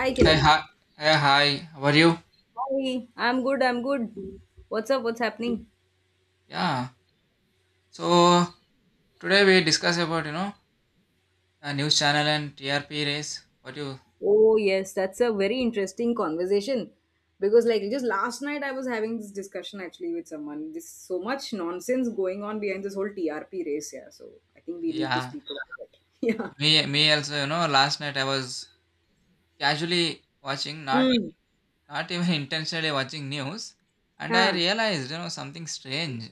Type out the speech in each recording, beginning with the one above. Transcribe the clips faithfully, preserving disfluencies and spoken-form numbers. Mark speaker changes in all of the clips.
Speaker 1: Hi,
Speaker 2: Hey,
Speaker 1: Kiran.
Speaker 2: hi. Hey, hi. How are you?
Speaker 1: Hi. I'm good. I'm good. What's up? What's happening?
Speaker 2: Yeah. So today we discuss about you know a news channel and T R P race. What you?
Speaker 1: Oh, yes, that's a very interesting conversation because, like, just last night I was having this discussion actually with someone. This so much nonsense going on behind this whole T R P race. Yeah, so I think we need to
Speaker 2: Yeah.
Speaker 1: speak about it. Yeah.
Speaker 2: Me, me also. You know, last night I was casually watching, not
Speaker 1: Hmm.
Speaker 2: not even intentionally watching news, and I
Speaker 1: Huh.
Speaker 2: realized you know something strange.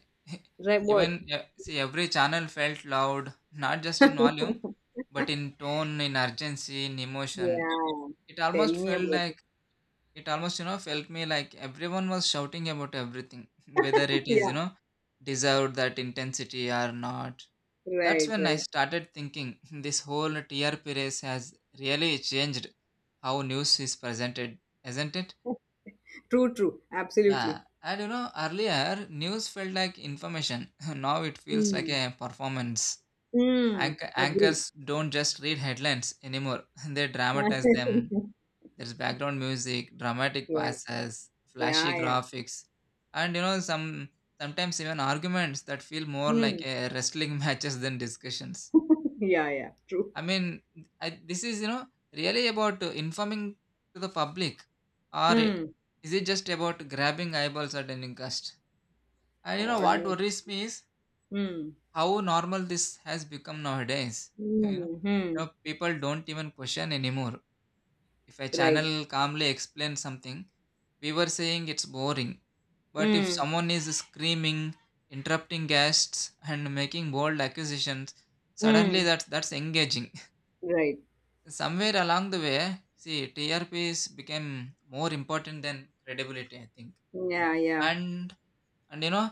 Speaker 1: Right. What?
Speaker 2: even yeah, see, every channel felt loud, not just in volume, but in tone, in urgency, in emotion.
Speaker 1: Yeah.
Speaker 2: It almost
Speaker 1: Tell me
Speaker 2: felt
Speaker 1: about it.
Speaker 2: like it almost you know felt me like everyone was shouting about everything whether it is
Speaker 1: yeah.
Speaker 2: you know deserved that intensity or not. That's
Speaker 1: Right.
Speaker 2: when I
Speaker 1: Right.
Speaker 2: started thinking this whole TRP race has really changed how news is presented, isn't it?
Speaker 1: True. True.
Speaker 2: Yeah,
Speaker 1: Absolutely.
Speaker 2: and you know earlier news felt like information. Now it feels like
Speaker 1: Hmm.
Speaker 2: a performance.
Speaker 1: Hmm.
Speaker 2: Anch-
Speaker 1: Agree.
Speaker 2: anchors don't just read headlines anymore. They dramatize them. There's background music, dramatic
Speaker 1: yeah.
Speaker 2: passes, flashy
Speaker 1: Yeah, yeah.
Speaker 2: graphics, and you know some sometimes even arguments that feel more
Speaker 1: Hmm.
Speaker 2: like a wrestling matches than discussions.
Speaker 1: Yeah, yeah. True.
Speaker 2: I mean, I, this is you know really about uh, informing to the public, or
Speaker 1: Hmm.
Speaker 2: is it just about grabbing eyeballs at any cost? And you know
Speaker 1: God,
Speaker 2: what
Speaker 1: no.
Speaker 2: worries me is
Speaker 1: Hmm.
Speaker 2: how normal this has become nowadays. you know,
Speaker 1: Hmm. Hmm.
Speaker 2: you know, people don't even question anymore. If a
Speaker 1: Right.
Speaker 2: channel calmly explains something, we were saying it's boring, but if
Speaker 1: Hmm.
Speaker 2: someone is screaming, interrupting guests, and making bold accusations, suddenly
Speaker 1: Hmm.
Speaker 2: that's that's engaging.
Speaker 1: Right.
Speaker 2: Somewhere along the way, see T R Ps became more important than credibility, I think.
Speaker 1: Yeah, yeah.
Speaker 2: And and you know,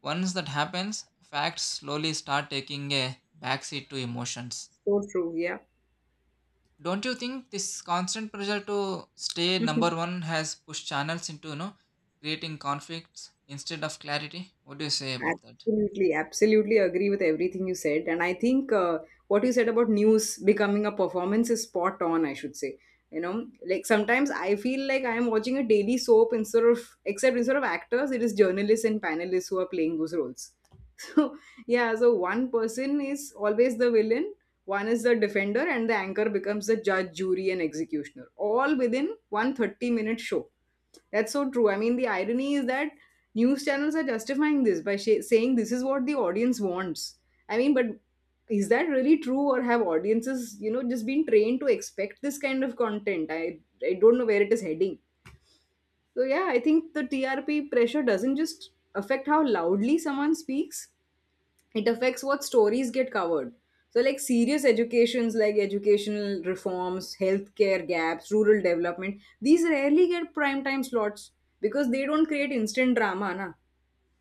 Speaker 2: once that happens, facts slowly start taking a backseat to emotions.
Speaker 1: So true. Yeah.
Speaker 2: Don't you think this constant pressure to stay number one has pushed channels into, you know, creating conflicts instead of clarity? What do you say about that?
Speaker 1: Absolutely, absolutely agree with everything you said. And I think uh, what you said about news becoming a performance is spot on, I should say. You know, like sometimes I feel like I am watching a daily soap instead of, except instead of actors, it is journalists and panelists who are playing those roles. So, yeah, so one person is always the villain, one is the defender, and the anchor becomes the judge, jury, and executioner, all within one thirty minute show. That's so true. I mean, the irony is that news channels are justifying this by sh- saying this is what the audience wants. I mean, but is that really true, or have audiences, you know, just been trained to expect this kind of content? I I don't know where it is heading. So yeah, I think the T R P pressure doesn't just affect how loudly someone speaks; it affects what stories get covered. So, like serious educations, like educational reforms, healthcare gaps, rural development, these rarely get prime time slots because they don't create instant drama, na.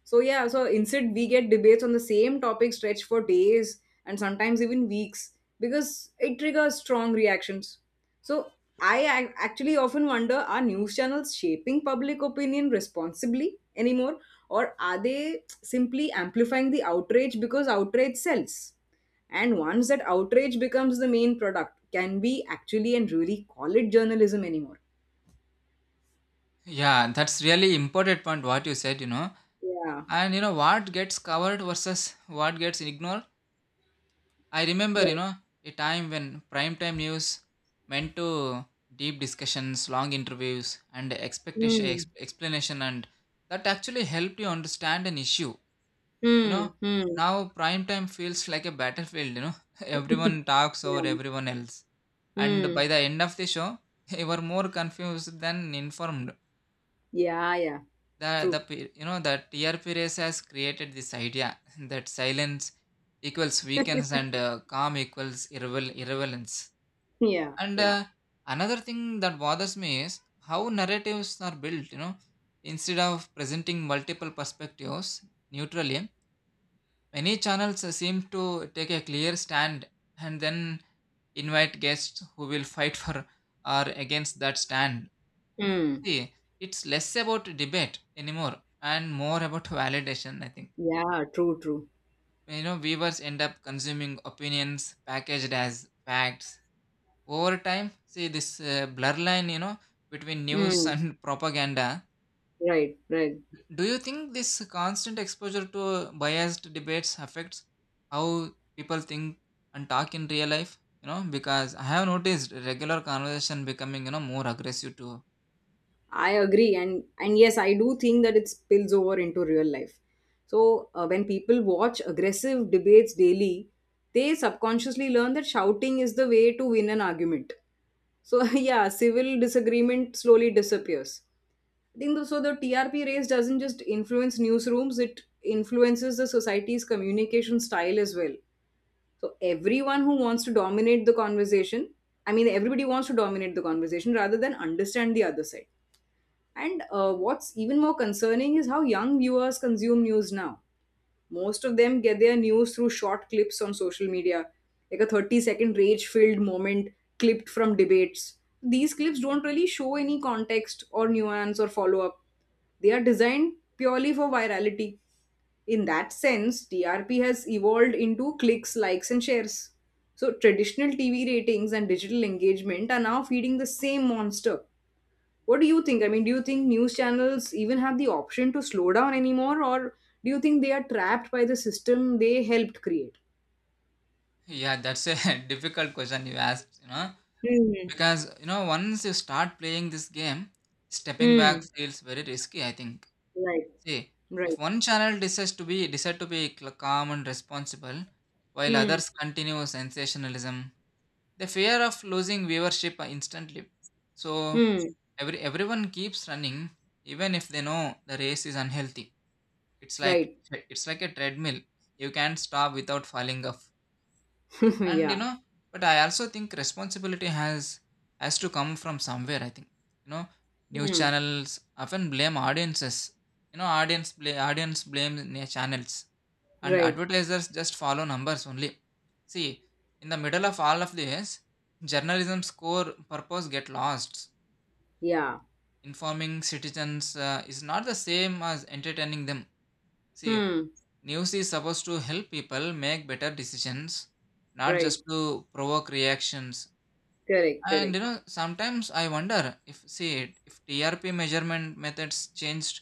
Speaker 1: So yeah, so instead we get debates on the same topic stretched for days and sometimes even weeks because it triggers strong reactions. So I ac- actually often wonder, are news channels shaping public opinion responsibly anymore, or are they simply amplifying the outrage because outrage sells? And once that outrage becomes the main product, can we actually and really call it journalism anymore?
Speaker 2: Yeah, that's really important point what you said, you know.
Speaker 1: Yeah.
Speaker 2: And you know what gets covered versus what gets ignored. I remember, you
Speaker 1: Yes.
Speaker 2: know, a time when primetime news meant to deep discussions, long interviews, and expectation ex-
Speaker 1: Hmm.
Speaker 2: explanation, and that actually helped you understand an issue. You
Speaker 1: Hmm.
Speaker 2: know,
Speaker 1: Hmm.
Speaker 2: now prime time feels like a battlefield, you know. Everyone talks over
Speaker 1: yeah.
Speaker 2: everyone else. And
Speaker 1: Mm.
Speaker 2: by the end of the show, you were more confused than informed.
Speaker 1: Yeah, yeah.
Speaker 2: The, the
Speaker 1: True.
Speaker 2: pe- you know the T R P race has created this idea that silence equals weakness and uh, calm equals irrevel- irrelevance.
Speaker 1: Yeah,
Speaker 2: And
Speaker 1: yeah.
Speaker 2: uh, another thing that bothers me is how narratives are built. You know, instead of presenting multiple perspectives neutrally, many channels seem to take a clear stand and then invite guests who will fight for or against that stand.
Speaker 1: Mm.
Speaker 2: See, it's less about debate anymore and more about validation, I think.
Speaker 1: Yeah, true, true.
Speaker 2: You know, viewers end up consuming opinions packaged as facts. Over time, see this uh, blur line, you know, between news
Speaker 1: Mm.
Speaker 2: and propaganda.
Speaker 1: Right, right.
Speaker 2: Do you think this constant exposure to biased debates affects how people think and talk in real life? You know, because I have noticed regular conversation becoming, you know, more aggressive too.
Speaker 1: I agree, and and yes, I do think that it spills over into real life. So uh, when people watch aggressive debates daily, they subconsciously learn that shouting is the way to win an argument. So yeah, civil disagreement slowly disappears. I think the, so the T R P race doesn't just influence newsrooms, it influences the society's communication style as well. So everyone who wants to dominate the conversation, I mean, everybody wants to dominate the conversation rather than understand the other side. And uh, what's even more concerning is how young viewers consume news now. Most of them get their news through short clips on social media, like a thirty second rage filled moment clipped from debates. These clips don't really show any context or nuance or follow up. They are designed purely for virality. In that sense, T R P has evolved into clicks, likes, and shares. So, traditional T V ratings and digital engagement are now feeding the same monster. What do you think? I mean, do you think news channels even have the option to slow down anymore, or do you think they are trapped by the system they helped create?
Speaker 2: Yeah, that's a difficult question you asked, you know.
Speaker 1: Hmm.
Speaker 2: Because, you know, once you start playing this game, stepping back
Speaker 1: Hmm.
Speaker 2: feels very risky, I think.
Speaker 1: Right.
Speaker 2: See, if
Speaker 1: Right.
Speaker 2: one channel decides to be decide to be cl- calm and responsible, while
Speaker 1: Hmm.
Speaker 2: others continue sensationalism, the fear of losing viewership instantly. So
Speaker 1: Hmm.
Speaker 2: every everyone keeps running even if they know the race is unhealthy. It's like
Speaker 1: Right.
Speaker 2: it's like a treadmill. You can't stop without falling off. And you
Speaker 1: yeah.
Speaker 2: know, but I also think responsibility has has to come from somewhere, I think. You know, news
Speaker 1: Hmm.
Speaker 2: channels often blame audiences, you know, audience bla- audience blame na- channels, and
Speaker 1: Right.
Speaker 2: advertisers just follow numbers only. See, in the middle of all of this, journalism's core purpose get lost.
Speaker 1: Yeah.
Speaker 2: Informing citizens uh, is not the same as entertaining them. See,
Speaker 1: Hmm.
Speaker 2: news is supposed to help people make better decisions, not
Speaker 1: Right.
Speaker 2: just to provoke reactions.
Speaker 1: Correct.
Speaker 2: And
Speaker 1: Correct.
Speaker 2: you know, sometimes I wonder if, see, if T R P measurement methods changed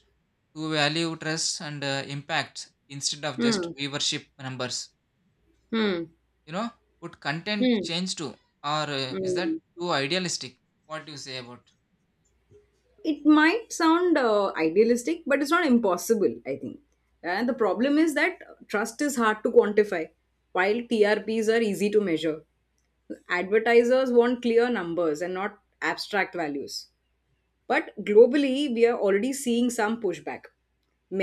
Speaker 2: to value trust and uh, impact instead of just
Speaker 1: Hmm.
Speaker 2: viewership numbers.
Speaker 1: Hmm.
Speaker 2: You know, would content
Speaker 1: Hmm.
Speaker 2: change too, or uh, is that
Speaker 1: Hmm.
Speaker 2: too idealistic? What do you say about?
Speaker 1: It might sound uh, idealistic, but it's not impossible, I think. And the problem is that trust is hard to quantify, while TRPs are easy to measure. Advertisers want clear numbers and not abstract values, but globally we are already seeing some pushback.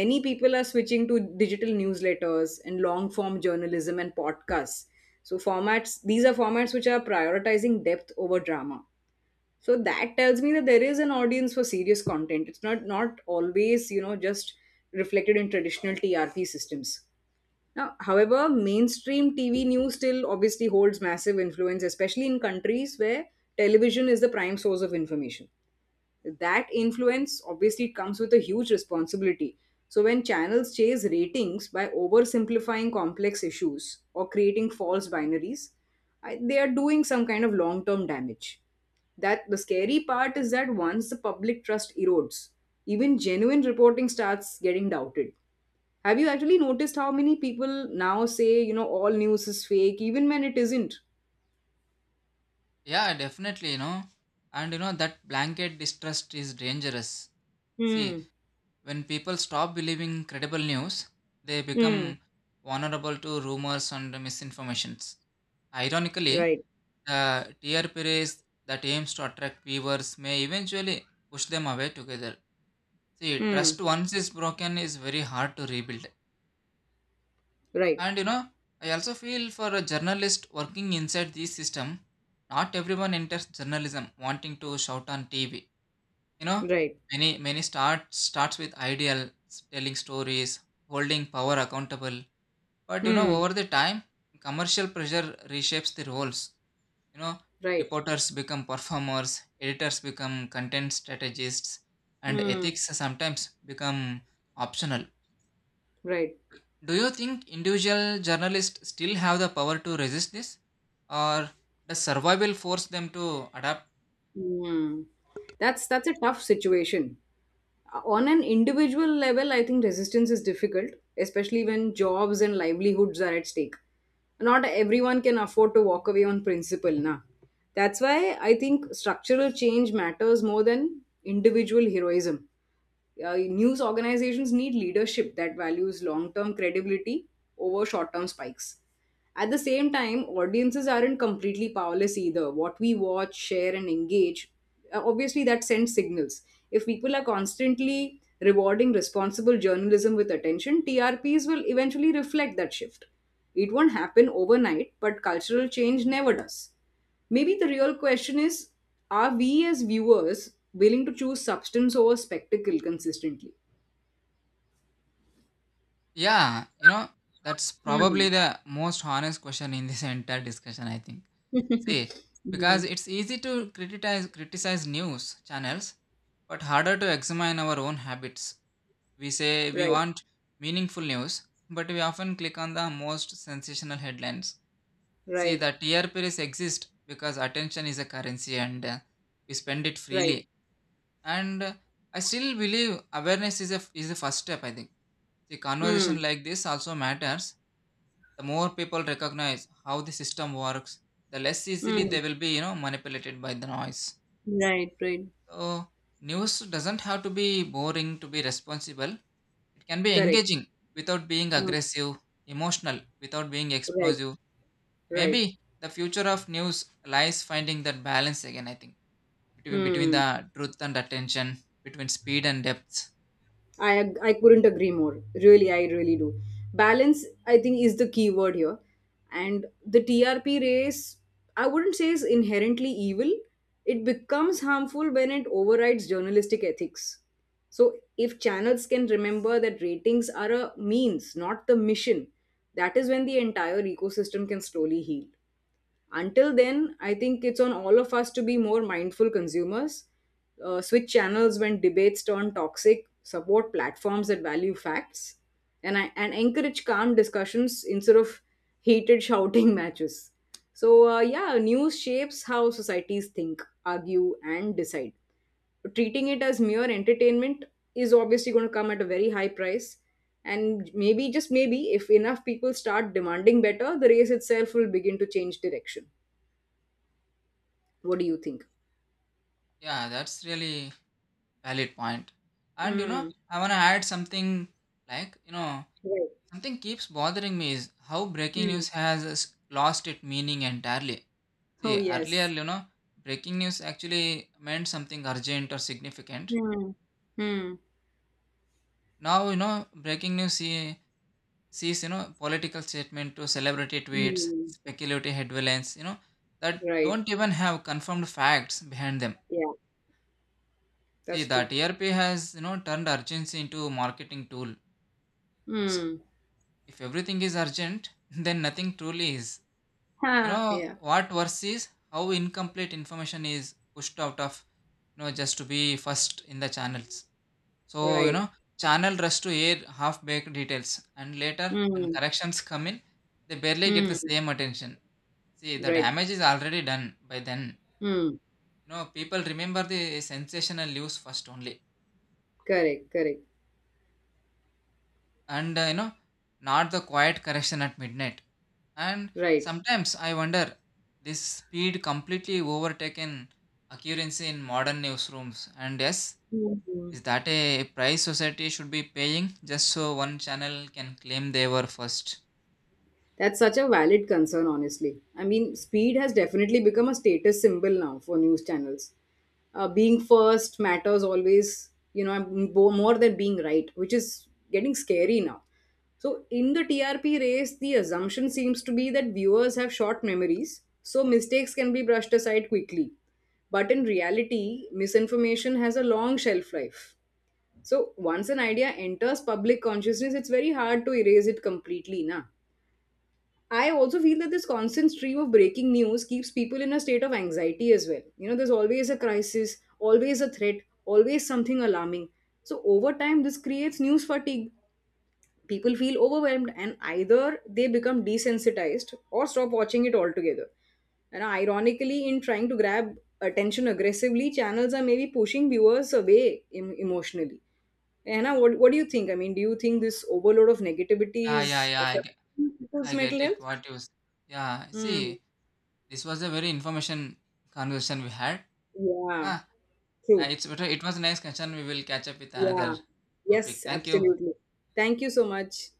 Speaker 1: Many people are switching to digital newsletters and long form journalism and podcasts. So formats, these are formats which are prioritizing depth over drama. So that tells me that there is an audience for serious content. It's not not always, you know, just reflected in traditional T R P systems. Now, however, mainstream T V news still obviously holds massive influence, especially in countries where television is the prime source of information. That influence obviously comes with a huge responsibility. So, when channels chase ratings by oversimplifying complex issues or creating false binaries, I, they are doing some kind of long term damage. That the scary part is that once the public trust erodes, even genuine reporting starts getting doubted. Have you actually noticed how many people now say, you know, all news is fake, even when it isn't?
Speaker 2: Yeah, definitely. You know, and you know that blanket distrust is dangerous. See,
Speaker 1: Hmm.
Speaker 2: when people stop believing credible news, they
Speaker 1: Hmm.
Speaker 2: become vulnerable to rumors and misinformations. Ironically,
Speaker 1: Right.
Speaker 2: the T R P race that aims to attract viewers may eventually push them away together. See,
Speaker 1: Hmm.
Speaker 2: trust once is broken is very hard to rebuild.
Speaker 1: Right.
Speaker 2: And you know, I also feel for a journalist working inside this system, not everyone enters journalism wanting to shout on T V. You know,
Speaker 1: Right.
Speaker 2: many many start starts with ideals, telling stories, holding power accountable. But you know,
Speaker 1: Hmm.
Speaker 2: over the time, commercial pressure reshapes the roles. You know,
Speaker 1: Right.
Speaker 2: reporters become performers, editors become content strategists, and
Speaker 1: Hmm.
Speaker 2: ethics sometimes become optional.
Speaker 1: right.
Speaker 2: Do you think individual journalists still have the power to resist this, or does survival force them to adapt?
Speaker 1: Hmm. That's that's a tough situation. Uh, On an individual level, I think resistance is difficult, especially when jobs and livelihoods are at stake. Not everyone can afford to walk away on principle, na. That's why I think structural change matters more than individual heroism. Uh, news organizations need leadership that values long term credibility over short term spikes. At the same time, audiences aren't completely powerless either. What we watch, share, and engage, uh, obviously, that sends signals. If people are constantly rewarding responsible journalism with attention, T R Ps will eventually reflect that shift. It won't happen overnight, but cultural change never does. Maybe the real question is, are we as viewers willing to choose substance over spectacle consistently?
Speaker 2: Yeah, you know, that's probably
Speaker 1: Mm.
Speaker 2: the most honest question in this entire discussion, I think. See, because
Speaker 1: Mm.
Speaker 2: it's easy to criticize criticize news channels, but harder to examine our own habits. We say we
Speaker 1: Right,
Speaker 2: want meaningful news, but we often click on the most sensational headlines. See, the
Speaker 1: right,
Speaker 2: T R Ps exist because attention is a currency and uh, we spend it freely.
Speaker 1: right.
Speaker 2: And uh, I still believe awareness is, a, is the first step, I think. See, conversation
Speaker 1: Hmm,
Speaker 2: like this also matters. The more people recognize how the system works, the less easily
Speaker 1: hmm,
Speaker 2: they will be, you know, manipulated by the noise.
Speaker 1: Right, right.
Speaker 2: So, news doesn't have to be boring to be responsible. It can be
Speaker 1: correct.
Speaker 2: engaging without being
Speaker 1: Hmm,
Speaker 2: aggressive, emotional without being
Speaker 1: Right,
Speaker 2: explosive.
Speaker 1: right.
Speaker 2: Maybe the future of news lies finding that balance again, I think, between, between
Speaker 1: Hmm.
Speaker 2: the truth and attention, between speed and depth.
Speaker 1: I ag- I couldn't agree more. Really, I really do. Balance, I think, is the key word here. And the T R P race, I wouldn't say is inherently evil. It becomes harmful when it overrides journalistic ethics. So if channels can remember that ratings are a means, not the mission, that is when the entire ecosystem can slowly heal. Until then, I think it's on all of us to be more mindful consumers, uh, switch channels when debates turn toxic, support platforms that value facts, and I, and encourage calm discussions instead of heated shouting matches. So uh, yeah, news shapes how societies think, argue, and decide. Treating it as mere entertainment is obviously going to come at a very high price, and maybe just maybe if enough people start demanding better, the race itself will begin to change direction. What do you think?
Speaker 2: Yeah, that's really valid point. And you know,
Speaker 1: Mm.
Speaker 2: I want to add something like, you know,
Speaker 1: Right.
Speaker 2: something keeps bothering me is how breaking
Speaker 1: Mm.
Speaker 2: news has s- lost its meaning entirely.
Speaker 1: Oh,
Speaker 2: See, earlier,
Speaker 1: yes.
Speaker 2: you know, breaking news actually meant something urgent or significant.
Speaker 1: Mm. Mm.
Speaker 2: Now, you know, breaking news see, sees, you know, political statement to celebrity tweets,
Speaker 1: Mm.
Speaker 2: speculative headlines, you know, that
Speaker 1: Right.
Speaker 2: don't even have confirmed facts behind them.
Speaker 1: Yeah,
Speaker 2: See,
Speaker 1: that's
Speaker 2: the
Speaker 1: true.
Speaker 2: T R P has, you know, turned urgency into a marketing tool. It's
Speaker 1: Mm.
Speaker 2: if everything is urgent, then nothing truly is. You
Speaker 1: Ha.
Speaker 2: know,
Speaker 1: Yeah.
Speaker 2: what worse is how incomplete information is pushed out of, you know, just to be first in the channels. So, you
Speaker 1: Right.
Speaker 2: know, channel rush to air half-baked details, and later, when
Speaker 1: Mm.
Speaker 2: corrections come in, they barely get the
Speaker 1: Mm.
Speaker 2: same attention. See, the
Speaker 1: Right.
Speaker 2: damage is already done by then.
Speaker 1: Mm.
Speaker 2: You know, people remember the sensational news first only,
Speaker 1: Correct. Correct.
Speaker 2: and uh, you know, not the quiet correction at midnight. And
Speaker 1: Right.
Speaker 2: sometimes I wonder, this speed completely overtaken occurrence in modern newsrooms. And yes,
Speaker 1: Mm. Mm.
Speaker 2: is that a price society should be paying just so one channel can claim they were first?
Speaker 1: That's such a valid concern, honestly. I mean, speed has definitely become a status symbol now for news channels. Uh, being first matters always, you know, m- bo- more than being right, which is getting scary now. So, in the T R P race, the assumption seems to be that viewers have short memories, so mistakes can be brushed aside quickly. But in reality, misinformation has a long shelf life. So, once an idea enters public consciousness, it's very hard to erase it completely, na? I also feel that this constant stream of breaking news keeps people in a state of anxiety as well. You know, there's always a crisis, always a threat, always something alarming. So, over time, this creates news fatigue. People feel overwhelmed and either they become desensitized or stop watching it altogether. And ironically, in trying to grab attention aggressively, channels are maybe pushing viewers away em- emotionally. Anna, what, what do you think? I mean, do you think this overload of negativity
Speaker 2: Yeah, yeah,
Speaker 1: is
Speaker 2: yeah. I get,
Speaker 1: affecting people's
Speaker 2: I
Speaker 1: mental
Speaker 2: get
Speaker 1: health?
Speaker 2: it. What you? s- Yeah.
Speaker 1: Mm,
Speaker 2: See, this was a very information conversation we had.
Speaker 1: yeah,
Speaker 2: Yeah. uh,
Speaker 1: true.
Speaker 2: It's better. It was a nice conversation. We will catch up with another
Speaker 1: Yeah.
Speaker 2: topic.
Speaker 1: Yes,
Speaker 2: Thank you.
Speaker 1: absolutely. Thank you so much.